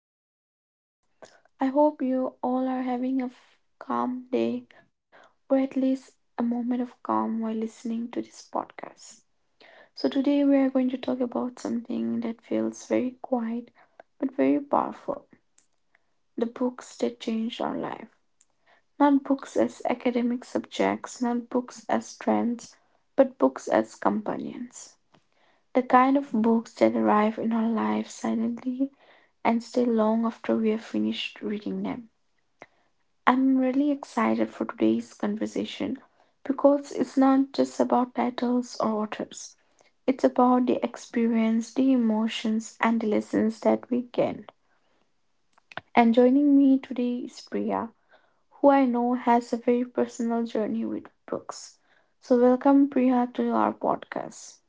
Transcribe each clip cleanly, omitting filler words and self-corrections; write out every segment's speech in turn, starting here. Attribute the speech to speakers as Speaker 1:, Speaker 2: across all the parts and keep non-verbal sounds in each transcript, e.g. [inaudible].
Speaker 1: to the podcast. I hope you all are having a calm day, or at least a moment of calm while listening to this podcast. So, today we are going to talk about something that feels very quiet but very powerful: the books that changed our life. Not books as academic subjects, not books as trends, but books as companions. The kind of books that arrive in our lives silently and stay long after we have finished reading them. I'm really excited for today's conversation because it's not just about titles or authors. It's about the experience, the emotions, and the lessons that we gain. And joining me today is Priya, who I know has a very personal journey with books. So, welcome Priya to our podcast.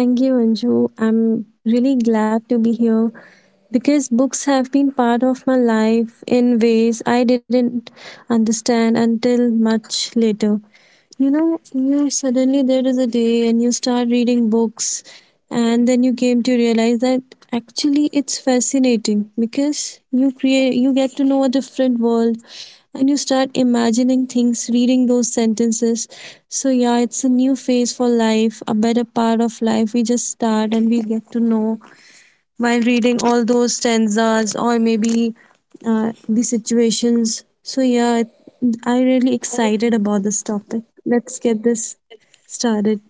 Speaker 2: Thank you, Anju. I'm really glad to be here because books have been part of my life in ways I didn't understand until much later. Yeah, suddenly there is a day and you start reading books, and then you came to realize that actually it's fascinating because you create, you get to know a different world and you start imagining things, reading those sentences. So, yeah, it's a new phase for life, a better part of life. We just start and we get to know while reading all those stanzas, or maybe the situations. So yeah, I'm really excited about this topic. Let's get this started.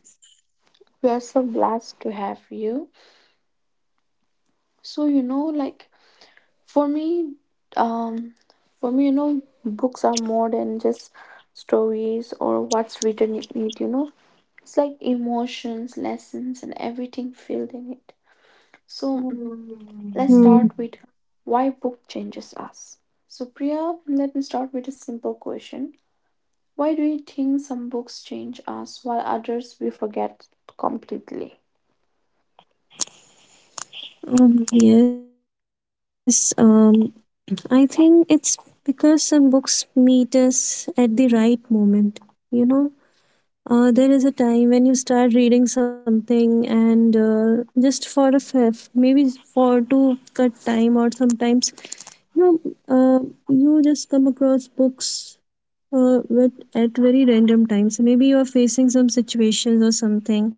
Speaker 1: We are so blessed to have you. So, for me, um, for me, books are more than just stories or what's written in it. You know, it's like emotions, lessons, and everything filled in it. So let's
Speaker 2: Hmm.
Speaker 1: start with why book changes us. So Priya, let me start with a simple question. Why do you think some books change us while others we forget completely?
Speaker 2: Yes. I think it's because some books meet us at the right moment. You know, there is a time when you start reading something, and just for a maybe for to cut time, or sometimes no, uh, you just come across books at very random times. Maybe you are facing some situations or something,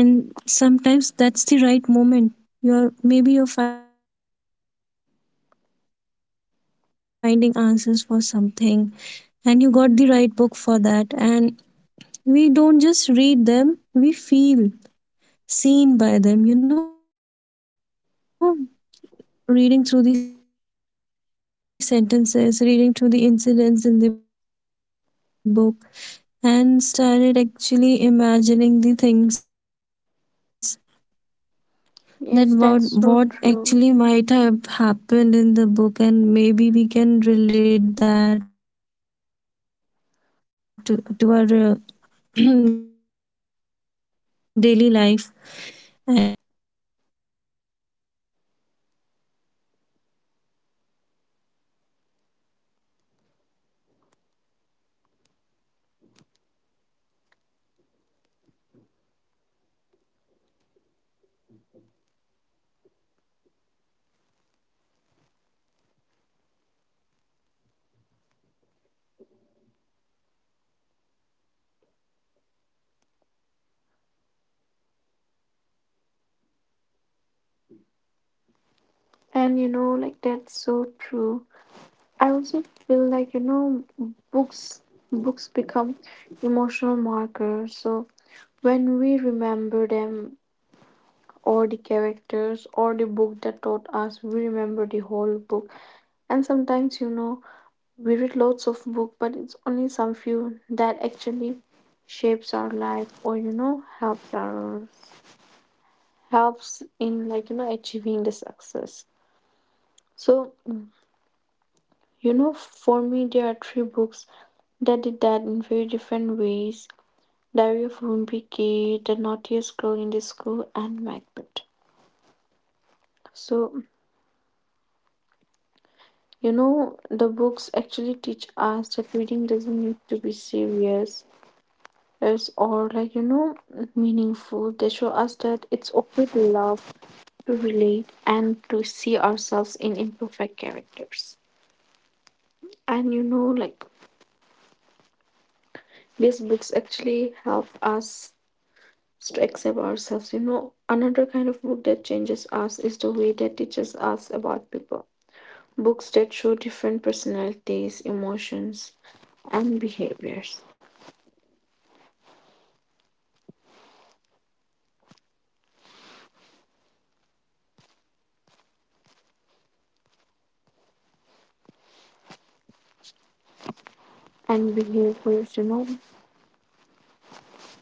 Speaker 2: and sometimes that's the right moment. You're Maybe you're finding answers for something, and you got the right book for that. And we don't just read them; we feel seen by them. Reading through the sentences, reading through the incidents in the book, and started actually imagining the things that what actually might have happened in the book, and maybe we can relate that to our [clears throat]
Speaker 1: Yes,
Speaker 2: daily
Speaker 1: that's
Speaker 2: life.
Speaker 1: so true.
Speaker 2: And sometimes a book understands our confusion before we can explain it ourselves, right? And those things we get to know about books are right where we can relate them to our real life incidents, or maybe we have been through those situations. So yeah, I feel that books some arrives at your in your life at a very right moment, and we create a different world with those books. So I feel books really play an important part in our life.
Speaker 1: And
Speaker 2: And
Speaker 1: that's
Speaker 2: sometimes we
Speaker 1: so true.
Speaker 2: you know sometimes
Speaker 1: I also feel
Speaker 2: books
Speaker 1: like, you know,
Speaker 2: are like
Speaker 1: books books
Speaker 2: our way
Speaker 1: become
Speaker 2: of
Speaker 1: emotional
Speaker 2: escape also from
Speaker 1: markers.
Speaker 2: the
Speaker 1: So
Speaker 2: world, or maybe
Speaker 1: when
Speaker 2: it
Speaker 1: we
Speaker 2: also
Speaker 1: remember them,
Speaker 2: introduce you to the
Speaker 1: or
Speaker 2: new
Speaker 1: the
Speaker 2: world
Speaker 1: characters
Speaker 2: where
Speaker 1: or the book
Speaker 2: authors
Speaker 1: that taught
Speaker 2: write on the
Speaker 1: us, we remember
Speaker 2: scenario.
Speaker 1: the whole
Speaker 2: Sometimes
Speaker 1: book.
Speaker 2: they
Speaker 1: And
Speaker 2: might be
Speaker 1: sometimes, you
Speaker 2: based
Speaker 1: know,
Speaker 2: on the real
Speaker 1: we
Speaker 2: life,
Speaker 1: read lots of book, but
Speaker 2: and
Speaker 1: it's
Speaker 2: you know,
Speaker 1: only some
Speaker 2: reading through
Speaker 1: few that
Speaker 2: sentences
Speaker 1: actually
Speaker 2: and actually
Speaker 1: shapes our
Speaker 2: getting the
Speaker 1: life, or,
Speaker 2: scene,
Speaker 1: you know, helps
Speaker 2: and
Speaker 1: our
Speaker 2: imagining those facts,
Speaker 1: helps
Speaker 2: the
Speaker 1: in, like, you know,
Speaker 2: lines
Speaker 1: achieving
Speaker 2: written
Speaker 1: the success.
Speaker 2: in, reading each and
Speaker 1: So,
Speaker 2: everything, and sometimes
Speaker 1: you know,
Speaker 2: imagining the
Speaker 1: for me there are
Speaker 2: characters
Speaker 1: three
Speaker 2: in the
Speaker 1: books
Speaker 2: play.
Speaker 1: that did that
Speaker 2: And
Speaker 1: in
Speaker 2: you
Speaker 1: very
Speaker 2: know,
Speaker 1: different ways:
Speaker 2: reading
Speaker 1: Diary of
Speaker 2: creates a
Speaker 1: Wimpy
Speaker 2: new
Speaker 1: Kid, The
Speaker 2: world for
Speaker 1: Naughtiest Girl
Speaker 2: us.
Speaker 1: in
Speaker 2: we
Speaker 1: the School,
Speaker 2: create
Speaker 1: and Macbeth.
Speaker 2: a, a new world is created for us by
Speaker 1: So,
Speaker 2: those authors, and I really appreciate their efforts
Speaker 1: you
Speaker 2: that
Speaker 1: know,
Speaker 2: they
Speaker 1: the books
Speaker 2: actually
Speaker 1: actually
Speaker 2: do
Speaker 1: teach
Speaker 2: those
Speaker 1: us
Speaker 2: things
Speaker 1: that
Speaker 2: to
Speaker 1: reading doesn't
Speaker 2: motivate
Speaker 1: need to
Speaker 2: us.
Speaker 1: be
Speaker 2: And
Speaker 1: serious,
Speaker 2: you know,
Speaker 1: it's,
Speaker 2: books,
Speaker 1: or like, you
Speaker 2: they
Speaker 1: know,
Speaker 2: really play a
Speaker 1: meaningful.
Speaker 2: very
Speaker 1: They show us
Speaker 2: important
Speaker 1: that
Speaker 2: part in our
Speaker 1: it's
Speaker 2: life.
Speaker 1: okay to
Speaker 2: They
Speaker 1: love,
Speaker 2: really
Speaker 1: to relate,
Speaker 2: innovate, you
Speaker 1: and to
Speaker 2: help
Speaker 1: see
Speaker 2: you,
Speaker 1: ourselves
Speaker 2: and
Speaker 1: in imperfect
Speaker 2: sometimes you know, when you're
Speaker 1: characters.
Speaker 2: feeling down and you
Speaker 1: And, you
Speaker 2: come
Speaker 1: know,
Speaker 2: across a
Speaker 1: like,
Speaker 2: book, and you know, sometimes they might
Speaker 1: these books
Speaker 2: actually have the
Speaker 1: actually
Speaker 2: answers
Speaker 1: help
Speaker 2: for your
Speaker 1: us
Speaker 2: solution, you know, while
Speaker 1: to
Speaker 2: reading
Speaker 1: accept
Speaker 2: through
Speaker 1: ourselves. You
Speaker 2: those
Speaker 1: know,
Speaker 2: lines or
Speaker 1: another kind of book that
Speaker 2: imagining
Speaker 1: changes us
Speaker 2: yourself
Speaker 1: is
Speaker 2: through
Speaker 1: the
Speaker 2: those
Speaker 1: way that teaches
Speaker 2: scenarios.
Speaker 1: us about
Speaker 2: So
Speaker 1: people. Books that show
Speaker 2: books
Speaker 1: different
Speaker 2: are the
Speaker 1: personalities,
Speaker 2: best part,
Speaker 1: emotions,
Speaker 2: or maybe a
Speaker 1: and
Speaker 2: best guide for you
Speaker 1: behaviors.
Speaker 2: sometimes. And you know, some books, they are maybe they are related to the genres like love stories, or maybe real life lessons, or uh, you know, there are many genres. And
Speaker 1: And behaviors,
Speaker 2: to
Speaker 1: you know.
Speaker 2: find the perfect book, you know,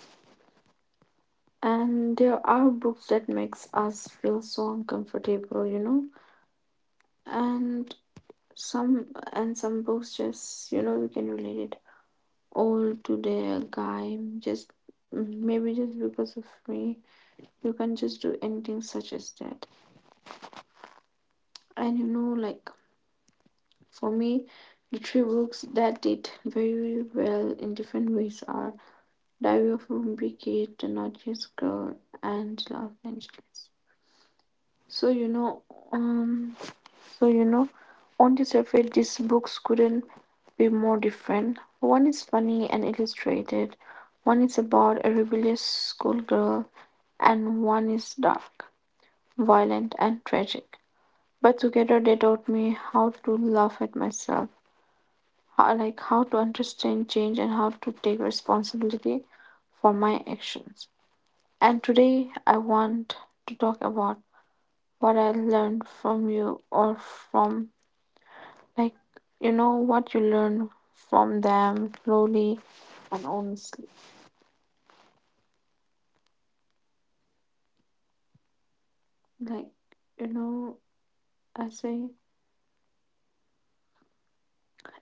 Speaker 2: just to find a perfect book.
Speaker 1: And
Speaker 2: We
Speaker 1: there are
Speaker 2: spend our
Speaker 1: books that
Speaker 2: hours
Speaker 1: makes
Speaker 2: in the
Speaker 1: us feel
Speaker 2: library,
Speaker 1: so
Speaker 2: or even
Speaker 1: uncomfortable, you know.
Speaker 2: in my case, I just go to my
Speaker 1: And
Speaker 2: nearest library.
Speaker 1: some and some
Speaker 2: And
Speaker 1: books, just, you know, we can
Speaker 2: if
Speaker 1: relate it
Speaker 2: possible, I just
Speaker 1: all
Speaker 2: scroll
Speaker 1: to
Speaker 2: in the
Speaker 1: the
Speaker 2: so in
Speaker 1: guy.
Speaker 2: the
Speaker 1: Just
Speaker 2: social media
Speaker 1: maybe just
Speaker 2: sites for the
Speaker 1: because of
Speaker 2: best
Speaker 1: me,
Speaker 2: books,
Speaker 1: you
Speaker 2: or
Speaker 1: can just do
Speaker 2: those are
Speaker 1: anything such
Speaker 2: my
Speaker 1: as that.
Speaker 2: ways to get through the books and
Speaker 1: And, you know, like,
Speaker 2: introduce myself to this new
Speaker 1: for
Speaker 2: world
Speaker 1: me,
Speaker 2: of
Speaker 1: the
Speaker 2: books.
Speaker 1: three books
Speaker 2: And you know,
Speaker 1: that
Speaker 2: the
Speaker 1: did
Speaker 2: vendors
Speaker 1: very
Speaker 2: who
Speaker 1: well in
Speaker 2: sell
Speaker 1: different ways
Speaker 2: books on
Speaker 1: are
Speaker 2: the streets,
Speaker 1: Diver
Speaker 2: whenever
Speaker 1: from
Speaker 2: you go to a
Speaker 1: Brigade
Speaker 2: flea
Speaker 1: Technologies
Speaker 2: market,
Speaker 1: Girl
Speaker 2: and
Speaker 1: and Los
Speaker 2: the people
Speaker 1: Angeles.
Speaker 2: sending books
Speaker 1: So,
Speaker 2: locally
Speaker 1: you
Speaker 2: on the
Speaker 1: know,
Speaker 2: those
Speaker 1: um,
Speaker 2: streets,
Speaker 1: so
Speaker 2: just
Speaker 1: you
Speaker 2: go
Speaker 1: know,
Speaker 2: there,
Speaker 1: on
Speaker 2: have
Speaker 1: the
Speaker 2: some
Speaker 1: surface, these
Speaker 2: time,
Speaker 1: books
Speaker 2: read,
Speaker 1: couldn't
Speaker 2: uh,
Speaker 1: be more
Speaker 2: have those
Speaker 1: different.
Speaker 2: books in
Speaker 1: One
Speaker 2: your
Speaker 1: is
Speaker 2: hands.
Speaker 1: funny and
Speaker 2: Even you know,
Speaker 1: illustrated,
Speaker 2: in on the
Speaker 1: one is about
Speaker 2: stations
Speaker 1: a
Speaker 2: or
Speaker 1: rebellious
Speaker 2: maybe on the railway
Speaker 1: schoolgirl,
Speaker 2: stations or bus
Speaker 1: and one
Speaker 2: stands,
Speaker 1: is
Speaker 2: there
Speaker 1: dark,
Speaker 2: are some
Speaker 1: violent, and
Speaker 2: bookstores as
Speaker 1: tragic.
Speaker 2: well,
Speaker 1: But
Speaker 2: and
Speaker 1: together, they taught me
Speaker 2: I
Speaker 1: how
Speaker 2: believe
Speaker 1: to
Speaker 2: reading
Speaker 1: laugh at
Speaker 2: through those
Speaker 1: myself,
Speaker 2: books will really help you out.
Speaker 1: how to understand change,
Speaker 2: And
Speaker 1: and how to take
Speaker 2: sometimes, yeah, I
Speaker 1: responsibility
Speaker 2: really
Speaker 1: for my
Speaker 2: like being
Speaker 1: actions.
Speaker 2: part of those
Speaker 1: And
Speaker 2: world,
Speaker 1: today I
Speaker 2: really
Speaker 1: want
Speaker 2: actually
Speaker 1: to
Speaker 2: creating
Speaker 1: talk
Speaker 2: those
Speaker 1: about
Speaker 2: things, you know.
Speaker 1: what I learned from you, or from, like, you know, what you learn from them slowly and honestly. Like, you know, I say,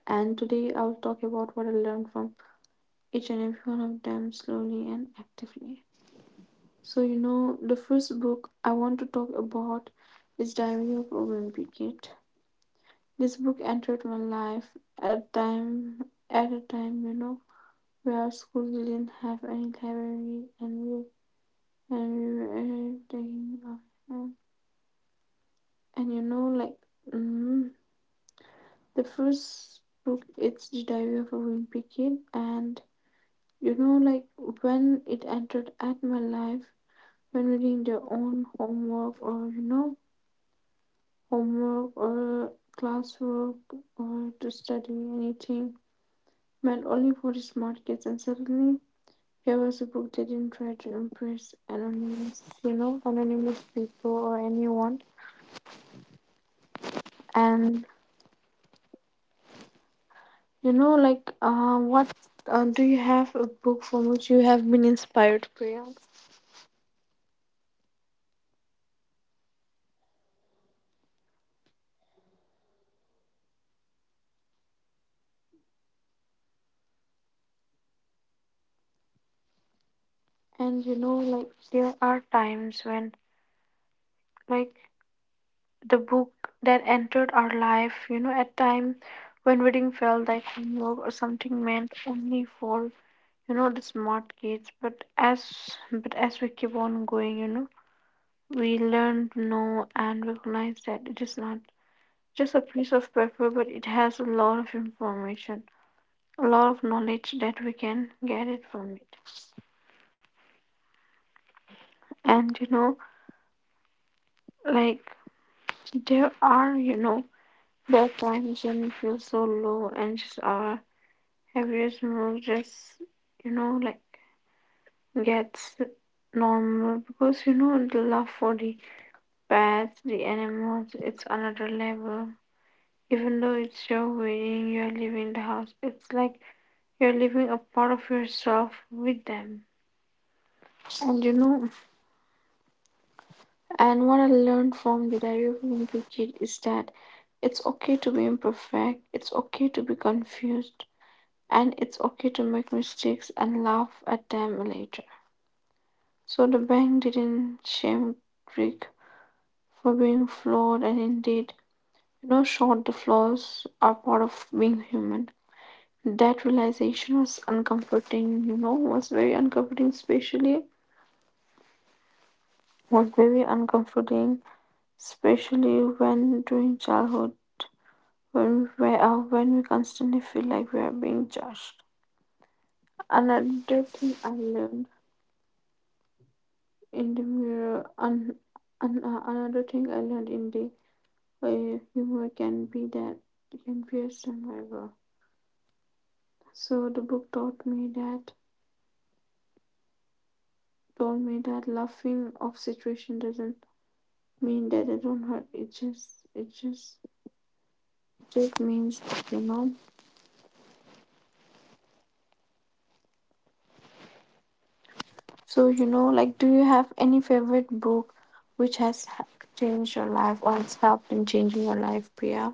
Speaker 1: and today I'll talk about what I learned from each and every one of them slowly and actively. So, you know, the first book I want to talk about is Diary of Urban Brigade. This book entered my life at time at a time, you know, where schools didn't have any library, and we were taking off, and, and you know like mm, the first book, it's the Diary of a Wimpy Kid. And you know, like, when it entered at my life, when reading their own homework, or, you know, homework or classwork, or to study anything, meant only for the smart kids. And suddenly here was a book that didn't try to impress anonymous, you know, anonymous people or anyone. And, you know, like, what, do you have a book from which you have been inspired, Priya? And, you know, like, there are times when, like, the book that entered our life, you know, at time when reading felt like homework or something meant only for, you know, the smart kids. But as we keep on going, you know, we learn to know and recognize that it is not just a piece of paper, but it has a lot of information, a lot of knowledge that we can get it from it. And you know, like there are, you know, there are times when you feel so low and just our average mood just, you know, like gets normal, because you know the love for the pets, the animals, it's another level. Even though it's your wedding, you're leaving the house, it's like you're leaving a part of yourself with them. And you know, and what I learned from the Diary of a Wimpy Kid is that it's okay to be imperfect, it's okay to be confused, and it's okay to make mistakes and laugh at them later. So the bank didn't shame Rick for being flawed, and indeed, you know, short the flaws are part of being human. That realization was uncomforting, you know, was very uncomforting especially when during childhood, when we, when we constantly feel like we are being judged. Another thing I learned in the mirror, and an, another thing I learned in the humor, can be that can be a survivor. So the book taught me that told me that laughing off situation doesn't mean that it don't hurt. It just means, you know. So you know, like, do you have any favorite book which has changed your life or has helped in changing your life, Priya?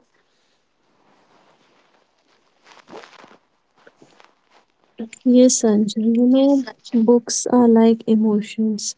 Speaker 2: Yes, Anjali. You
Speaker 1: Yes,
Speaker 2: know,
Speaker 1: Sanjay.
Speaker 2: books are like emotions.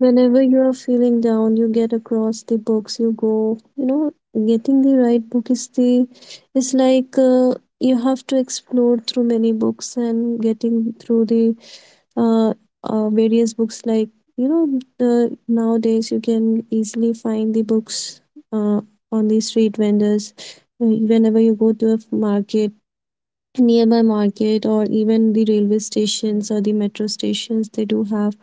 Speaker 2: Whenever you are feeling down, you get across the books, you go, you know, getting the right book is like you have to explore through many books, and getting through the uh, various books. Like, you know, nowadays you can easily find the books uh, on the street vendors. Whenever you go to a market, nearby market, or even the railway stations or the metro stations, they do have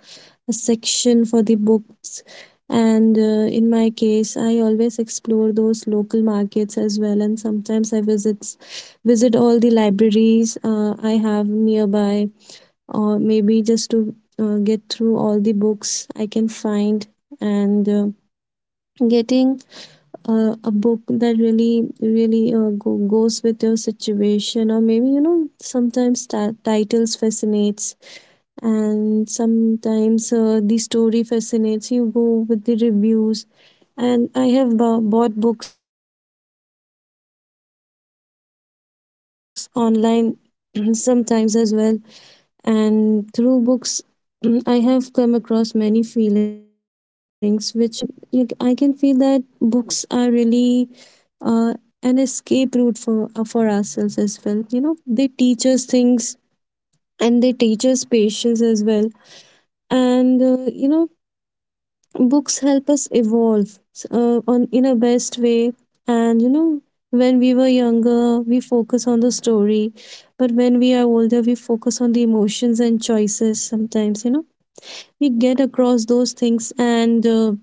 Speaker 2: a section for the books. And in my case, I always explore those local markets as well, and sometimes I visit all the libraries I have nearby, or maybe just to get through all the books I can find, and getting a book that really really goes with your situation. Or maybe you know, sometimes titles fascinates, and sometimes the story fascinates. You go with the reviews, and I have bought books online [clears throat] sometimes as well. And through books, [clears throat] I have come across many feelings which I was not able to sort out on my own. So some like, I can feel that books are really uh, an escape route for ourselves as well. You know, they teach us things, and they teach us patience as well. And you know, books help us evolve on in a best way. And you know, when we were younger, we focus on the story, but when we are older, we focus on the emotions and choices. Sometimes, you know, we get across those things, and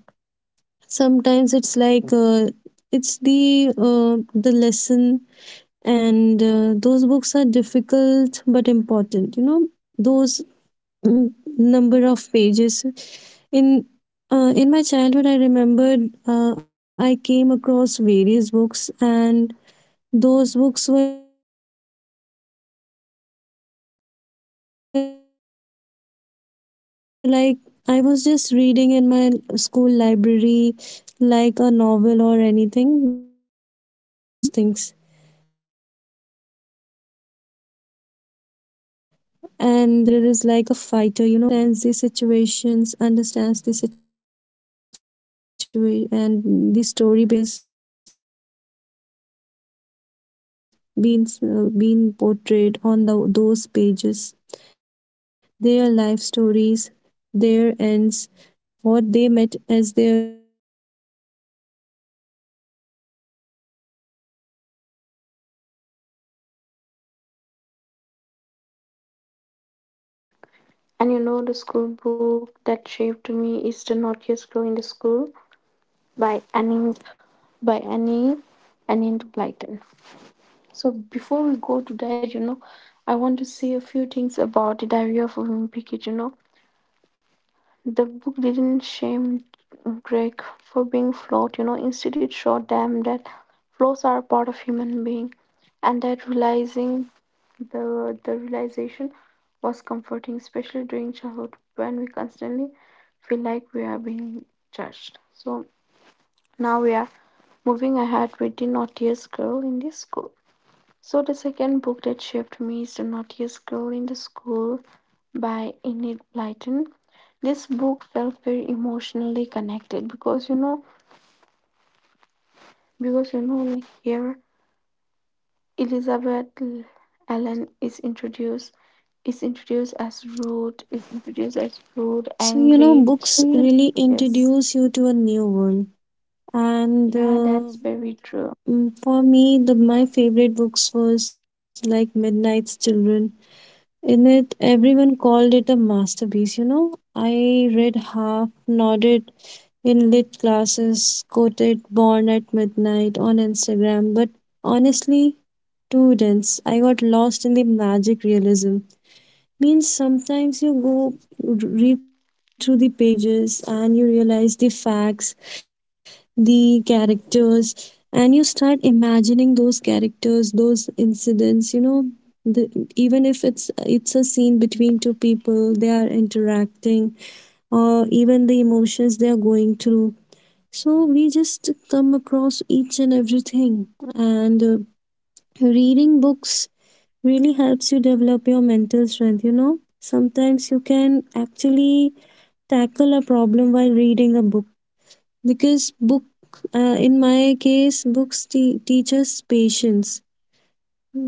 Speaker 2: sometimes it's like. It's the lesson. And those books are difficult but important, you know, those number of pages. In uh, in my childhood, I remembered, I came across various books, and those books were like I was just reading in my school library, like a novel or anything, but at the end of the day, I was forgetting those things. And after that, when I became a real reader, you know, a real reader is like a fighter, you know, who actually goes through all the pages, understands understands the situation and the story behind each and every page, the person, the characters being portrayed on those pages, their life stories, their ends, what they met as their, you know, the future, what were their past. And somehow we start connecting those from
Speaker 1: And you know,
Speaker 2: our
Speaker 1: the
Speaker 2: real
Speaker 1: school
Speaker 2: life. You know,
Speaker 1: book that
Speaker 2: things
Speaker 1: shaped
Speaker 2: get
Speaker 1: me is The
Speaker 2: started while you
Speaker 1: Naughtiest Girl in
Speaker 2: know
Speaker 1: the
Speaker 2: each and
Speaker 1: School
Speaker 2: everything,
Speaker 1: by
Speaker 2: and the
Speaker 1: by
Speaker 2: facts,
Speaker 1: Annie
Speaker 2: each and
Speaker 1: Annie
Speaker 2: everything just
Speaker 1: Blyton.
Speaker 2: comes to you
Speaker 1: So
Speaker 2: whenever you
Speaker 1: before
Speaker 2: are in
Speaker 1: we
Speaker 2: a
Speaker 1: go to
Speaker 2: pinch,
Speaker 1: that, you
Speaker 2: whenever
Speaker 1: know,
Speaker 2: you are
Speaker 1: I
Speaker 2: in a
Speaker 1: want to say a few things about
Speaker 2: hurry,
Speaker 1: the
Speaker 2: you
Speaker 1: Diary
Speaker 2: want
Speaker 1: of
Speaker 2: to
Speaker 1: a
Speaker 2: know the
Speaker 1: Wimpy Kid. You know,
Speaker 2: things.
Speaker 1: the book didn't shame Drake for being flawed, you know, instead it showed them that flaws are a part of human being, and that realizing the realization was comforting, especially during childhood when we constantly feel like we are being judged. So now we are moving ahead with the Naughtiest Girl in this School. So the second book that shaped me is The Naughtiest Girl in the School by Enid Blyton. This book felt very emotionally connected, because you know, like here Elizabeth Allen is introduced as rude,
Speaker 2: So you know,
Speaker 1: angry,
Speaker 2: books
Speaker 1: so you know,
Speaker 2: really
Speaker 1: rebellious.
Speaker 2: introduce you to a new world, and
Speaker 1: Yeah, that's very true.
Speaker 2: for me, the my favorite books was like Midnight's Children. In it, everyone called it a masterpiece, you know. I read half, nodded in lit classes, quoted Born at Midnight on Instagram, but honestly, too dense. I got lost in the magic realism. Means sometimes you go read through the pages and you realize the facts, the characters, and you start imagining those characters, those incidents, you know, even if it's a scene between two people, they are interacting, or even the emotions they are going through. So we just come across each and everything, and reading books really helps you develop your mental strength, you know. Sometimes you can actually tackle a problem while reading a book, because book in my case, books teaches patience,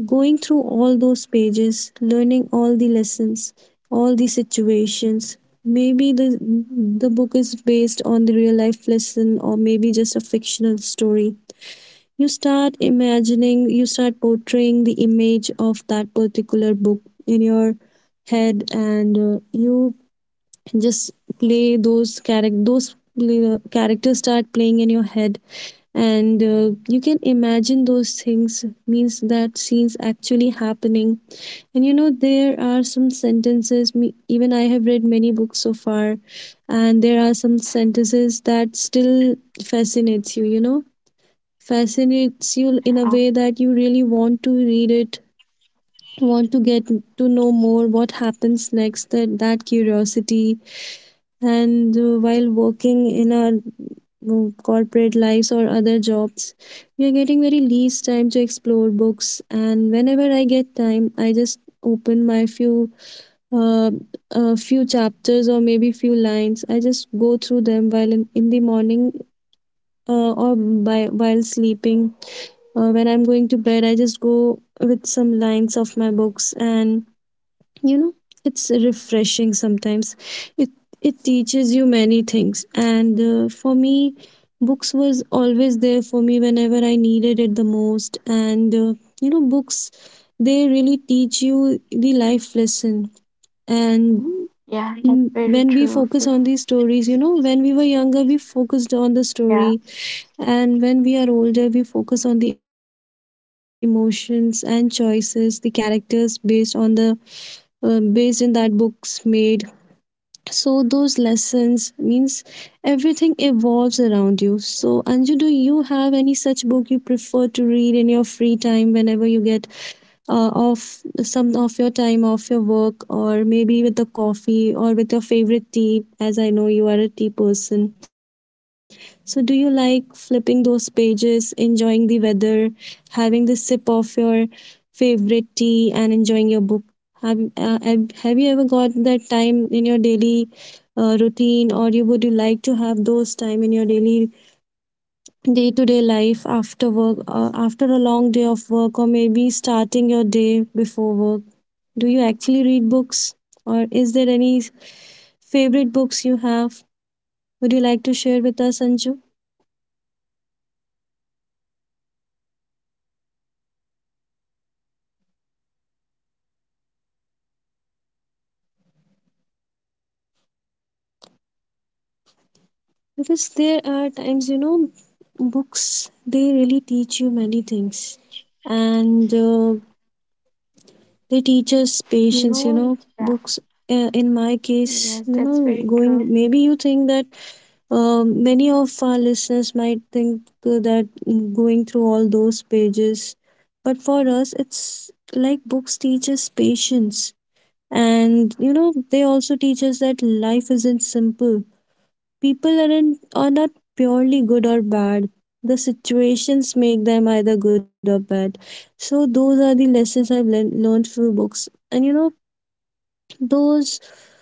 Speaker 2: going through all those pages, learning all the lessons, all the situations. Maybe the book is based on the real life lesson, or maybe just a fictional story. You start imagining, you start portraying the image of that particular book in your head, and you just play those character, those characters start playing in your head, and you can imagine those things, means that scenes actually happening. And you know, there are some sentences, me even I have read many books so far, and there are some sentences that still fascinates you, you know, fascinates you in a
Speaker 1: Um,
Speaker 2: way that you really want to read it, want to get to know more what happens next, that curiosity. And while working in our corporate lives or other jobs, we are getting very least time to explore books. And whenever I get time, I just open my few uh, few chapters, or maybe few lines I just go through them while in the morning, or by while sleeping. When I'm going to bed, I just go with some lines of my books, and you know, it's refreshing sometimes. It it teaches you many things, and for me, books was always there for me whenever I needed it the most. And books, they really teach you the life lesson. And
Speaker 1: yeah, that's very
Speaker 2: when we
Speaker 1: true.
Speaker 2: focus on these stories, you know, when we were younger, we focused on the
Speaker 1: Yeah,
Speaker 2: story, and when we are older, we focus on the emotions and choices the characters based on the based in that books made. So those lessons, means everything evolves around you. So Anju, do you have any such book you prefer to read in your free time, whenever you get off some of your time off your work, or maybe with a coffee or with your favorite tea? As I know you are a tea person, so do you like flipping those pages, enjoying the weather, having the sip of your favorite tea and enjoying your book? Have you ever got that time in your daily routine? Or you would you like to have those time in your daily day to day life after work, after a long day of work, or maybe starting your day before work? Do you actually read books, or is there any favorite books you have? Would you like to share with us, Anju? Because there are times, you know, books, they really teach you many things. And they teach us
Speaker 1: you
Speaker 2: patience, you
Speaker 1: know,
Speaker 2: know.
Speaker 1: yeah,
Speaker 2: Books, in my
Speaker 1: yes,
Speaker 2: case, you
Speaker 1: that's
Speaker 2: know,
Speaker 1: very true.
Speaker 2: going, maybe you think that many of our listeners might think that going through all those pages, but for us, it's like books teach us patience. And you know, they also teach us that life isn't simple. People aren't, are not purely good or bad. The situations make them either good or bad. So those are the lessons I've learned through books. And you know, those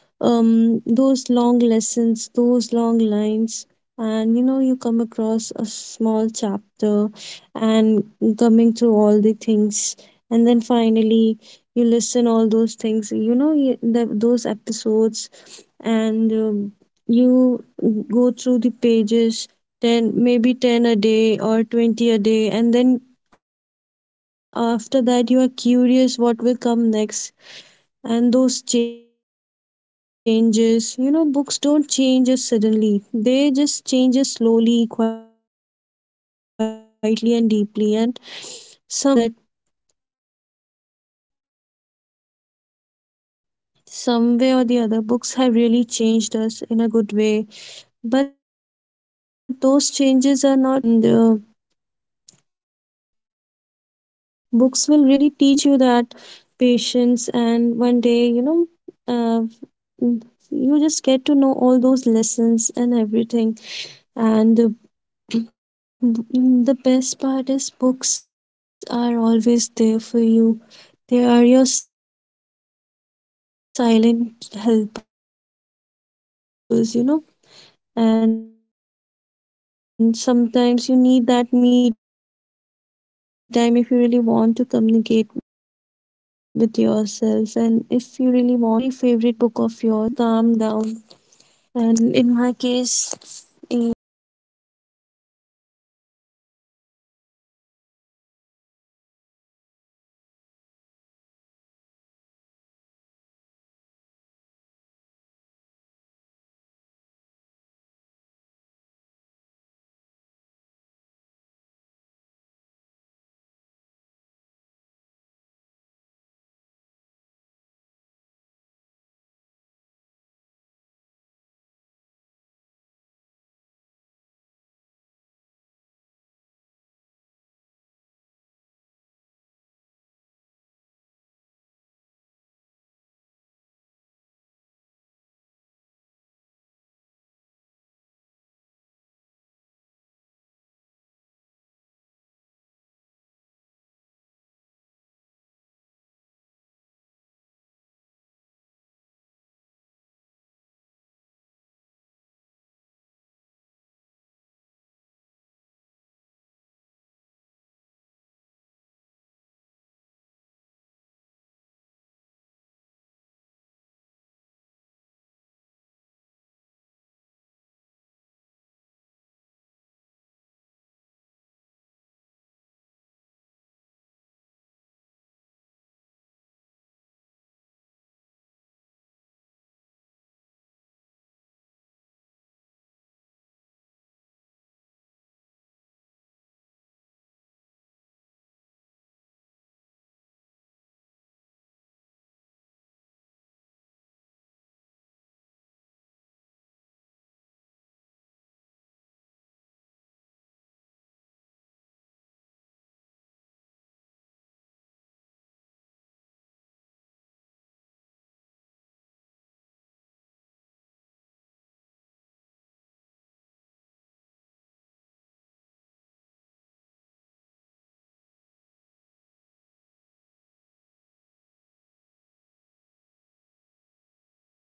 Speaker 2: those long lessons, those long lines. And you know, you come across a small chapter and coming through all the things, and then finally you listen all those things, you know, those episodes. And you go through the pages 10, maybe 10 a day or 20 a day, and then after that you are curious what will come next. And those changes, you know, books don't change us suddenly, they just change us slowly, quietly and deeply. And somewhere our listeners might also get me here, that some way or the other, books have really changed us in a good way. But those changes are not visible in just one or two days. It takes time. And books will really teach you that patience. And one day, you know, uh, you just get to know all those lessons and everything. And [clears throat] the best part is, books are always there for you, they are your silent helpers, you know. And sometimes you need that me time, if you really want to communicate with yourself and if you really want to be with yourself. Just take a very favorite book of yours. Just read through your through the pages, and you know, you will calm down. And in my case, yeah, I really love to go through the pages, and imagining those scenarios mentioned by the authors. And you know, I really believe author really plays a magic in those books. You know, they write the incidents in a very chaotic way, sometimes in a very emotional way. And they means maybe today you will pick up a book not to finish it, but to feel something, you know. This is the motivation I want our listeners to have in their books. And the best part is, books are always there for you whenever you need them. And the specific book, if you would ask me, you know, I have read many books so far, and I still love exploring new books. I just go to the nearby library, or maybe I just explore the nearby stores. And sometimes, sometimes I just go with the flow, you know, going going to a local market or the street vendors who actually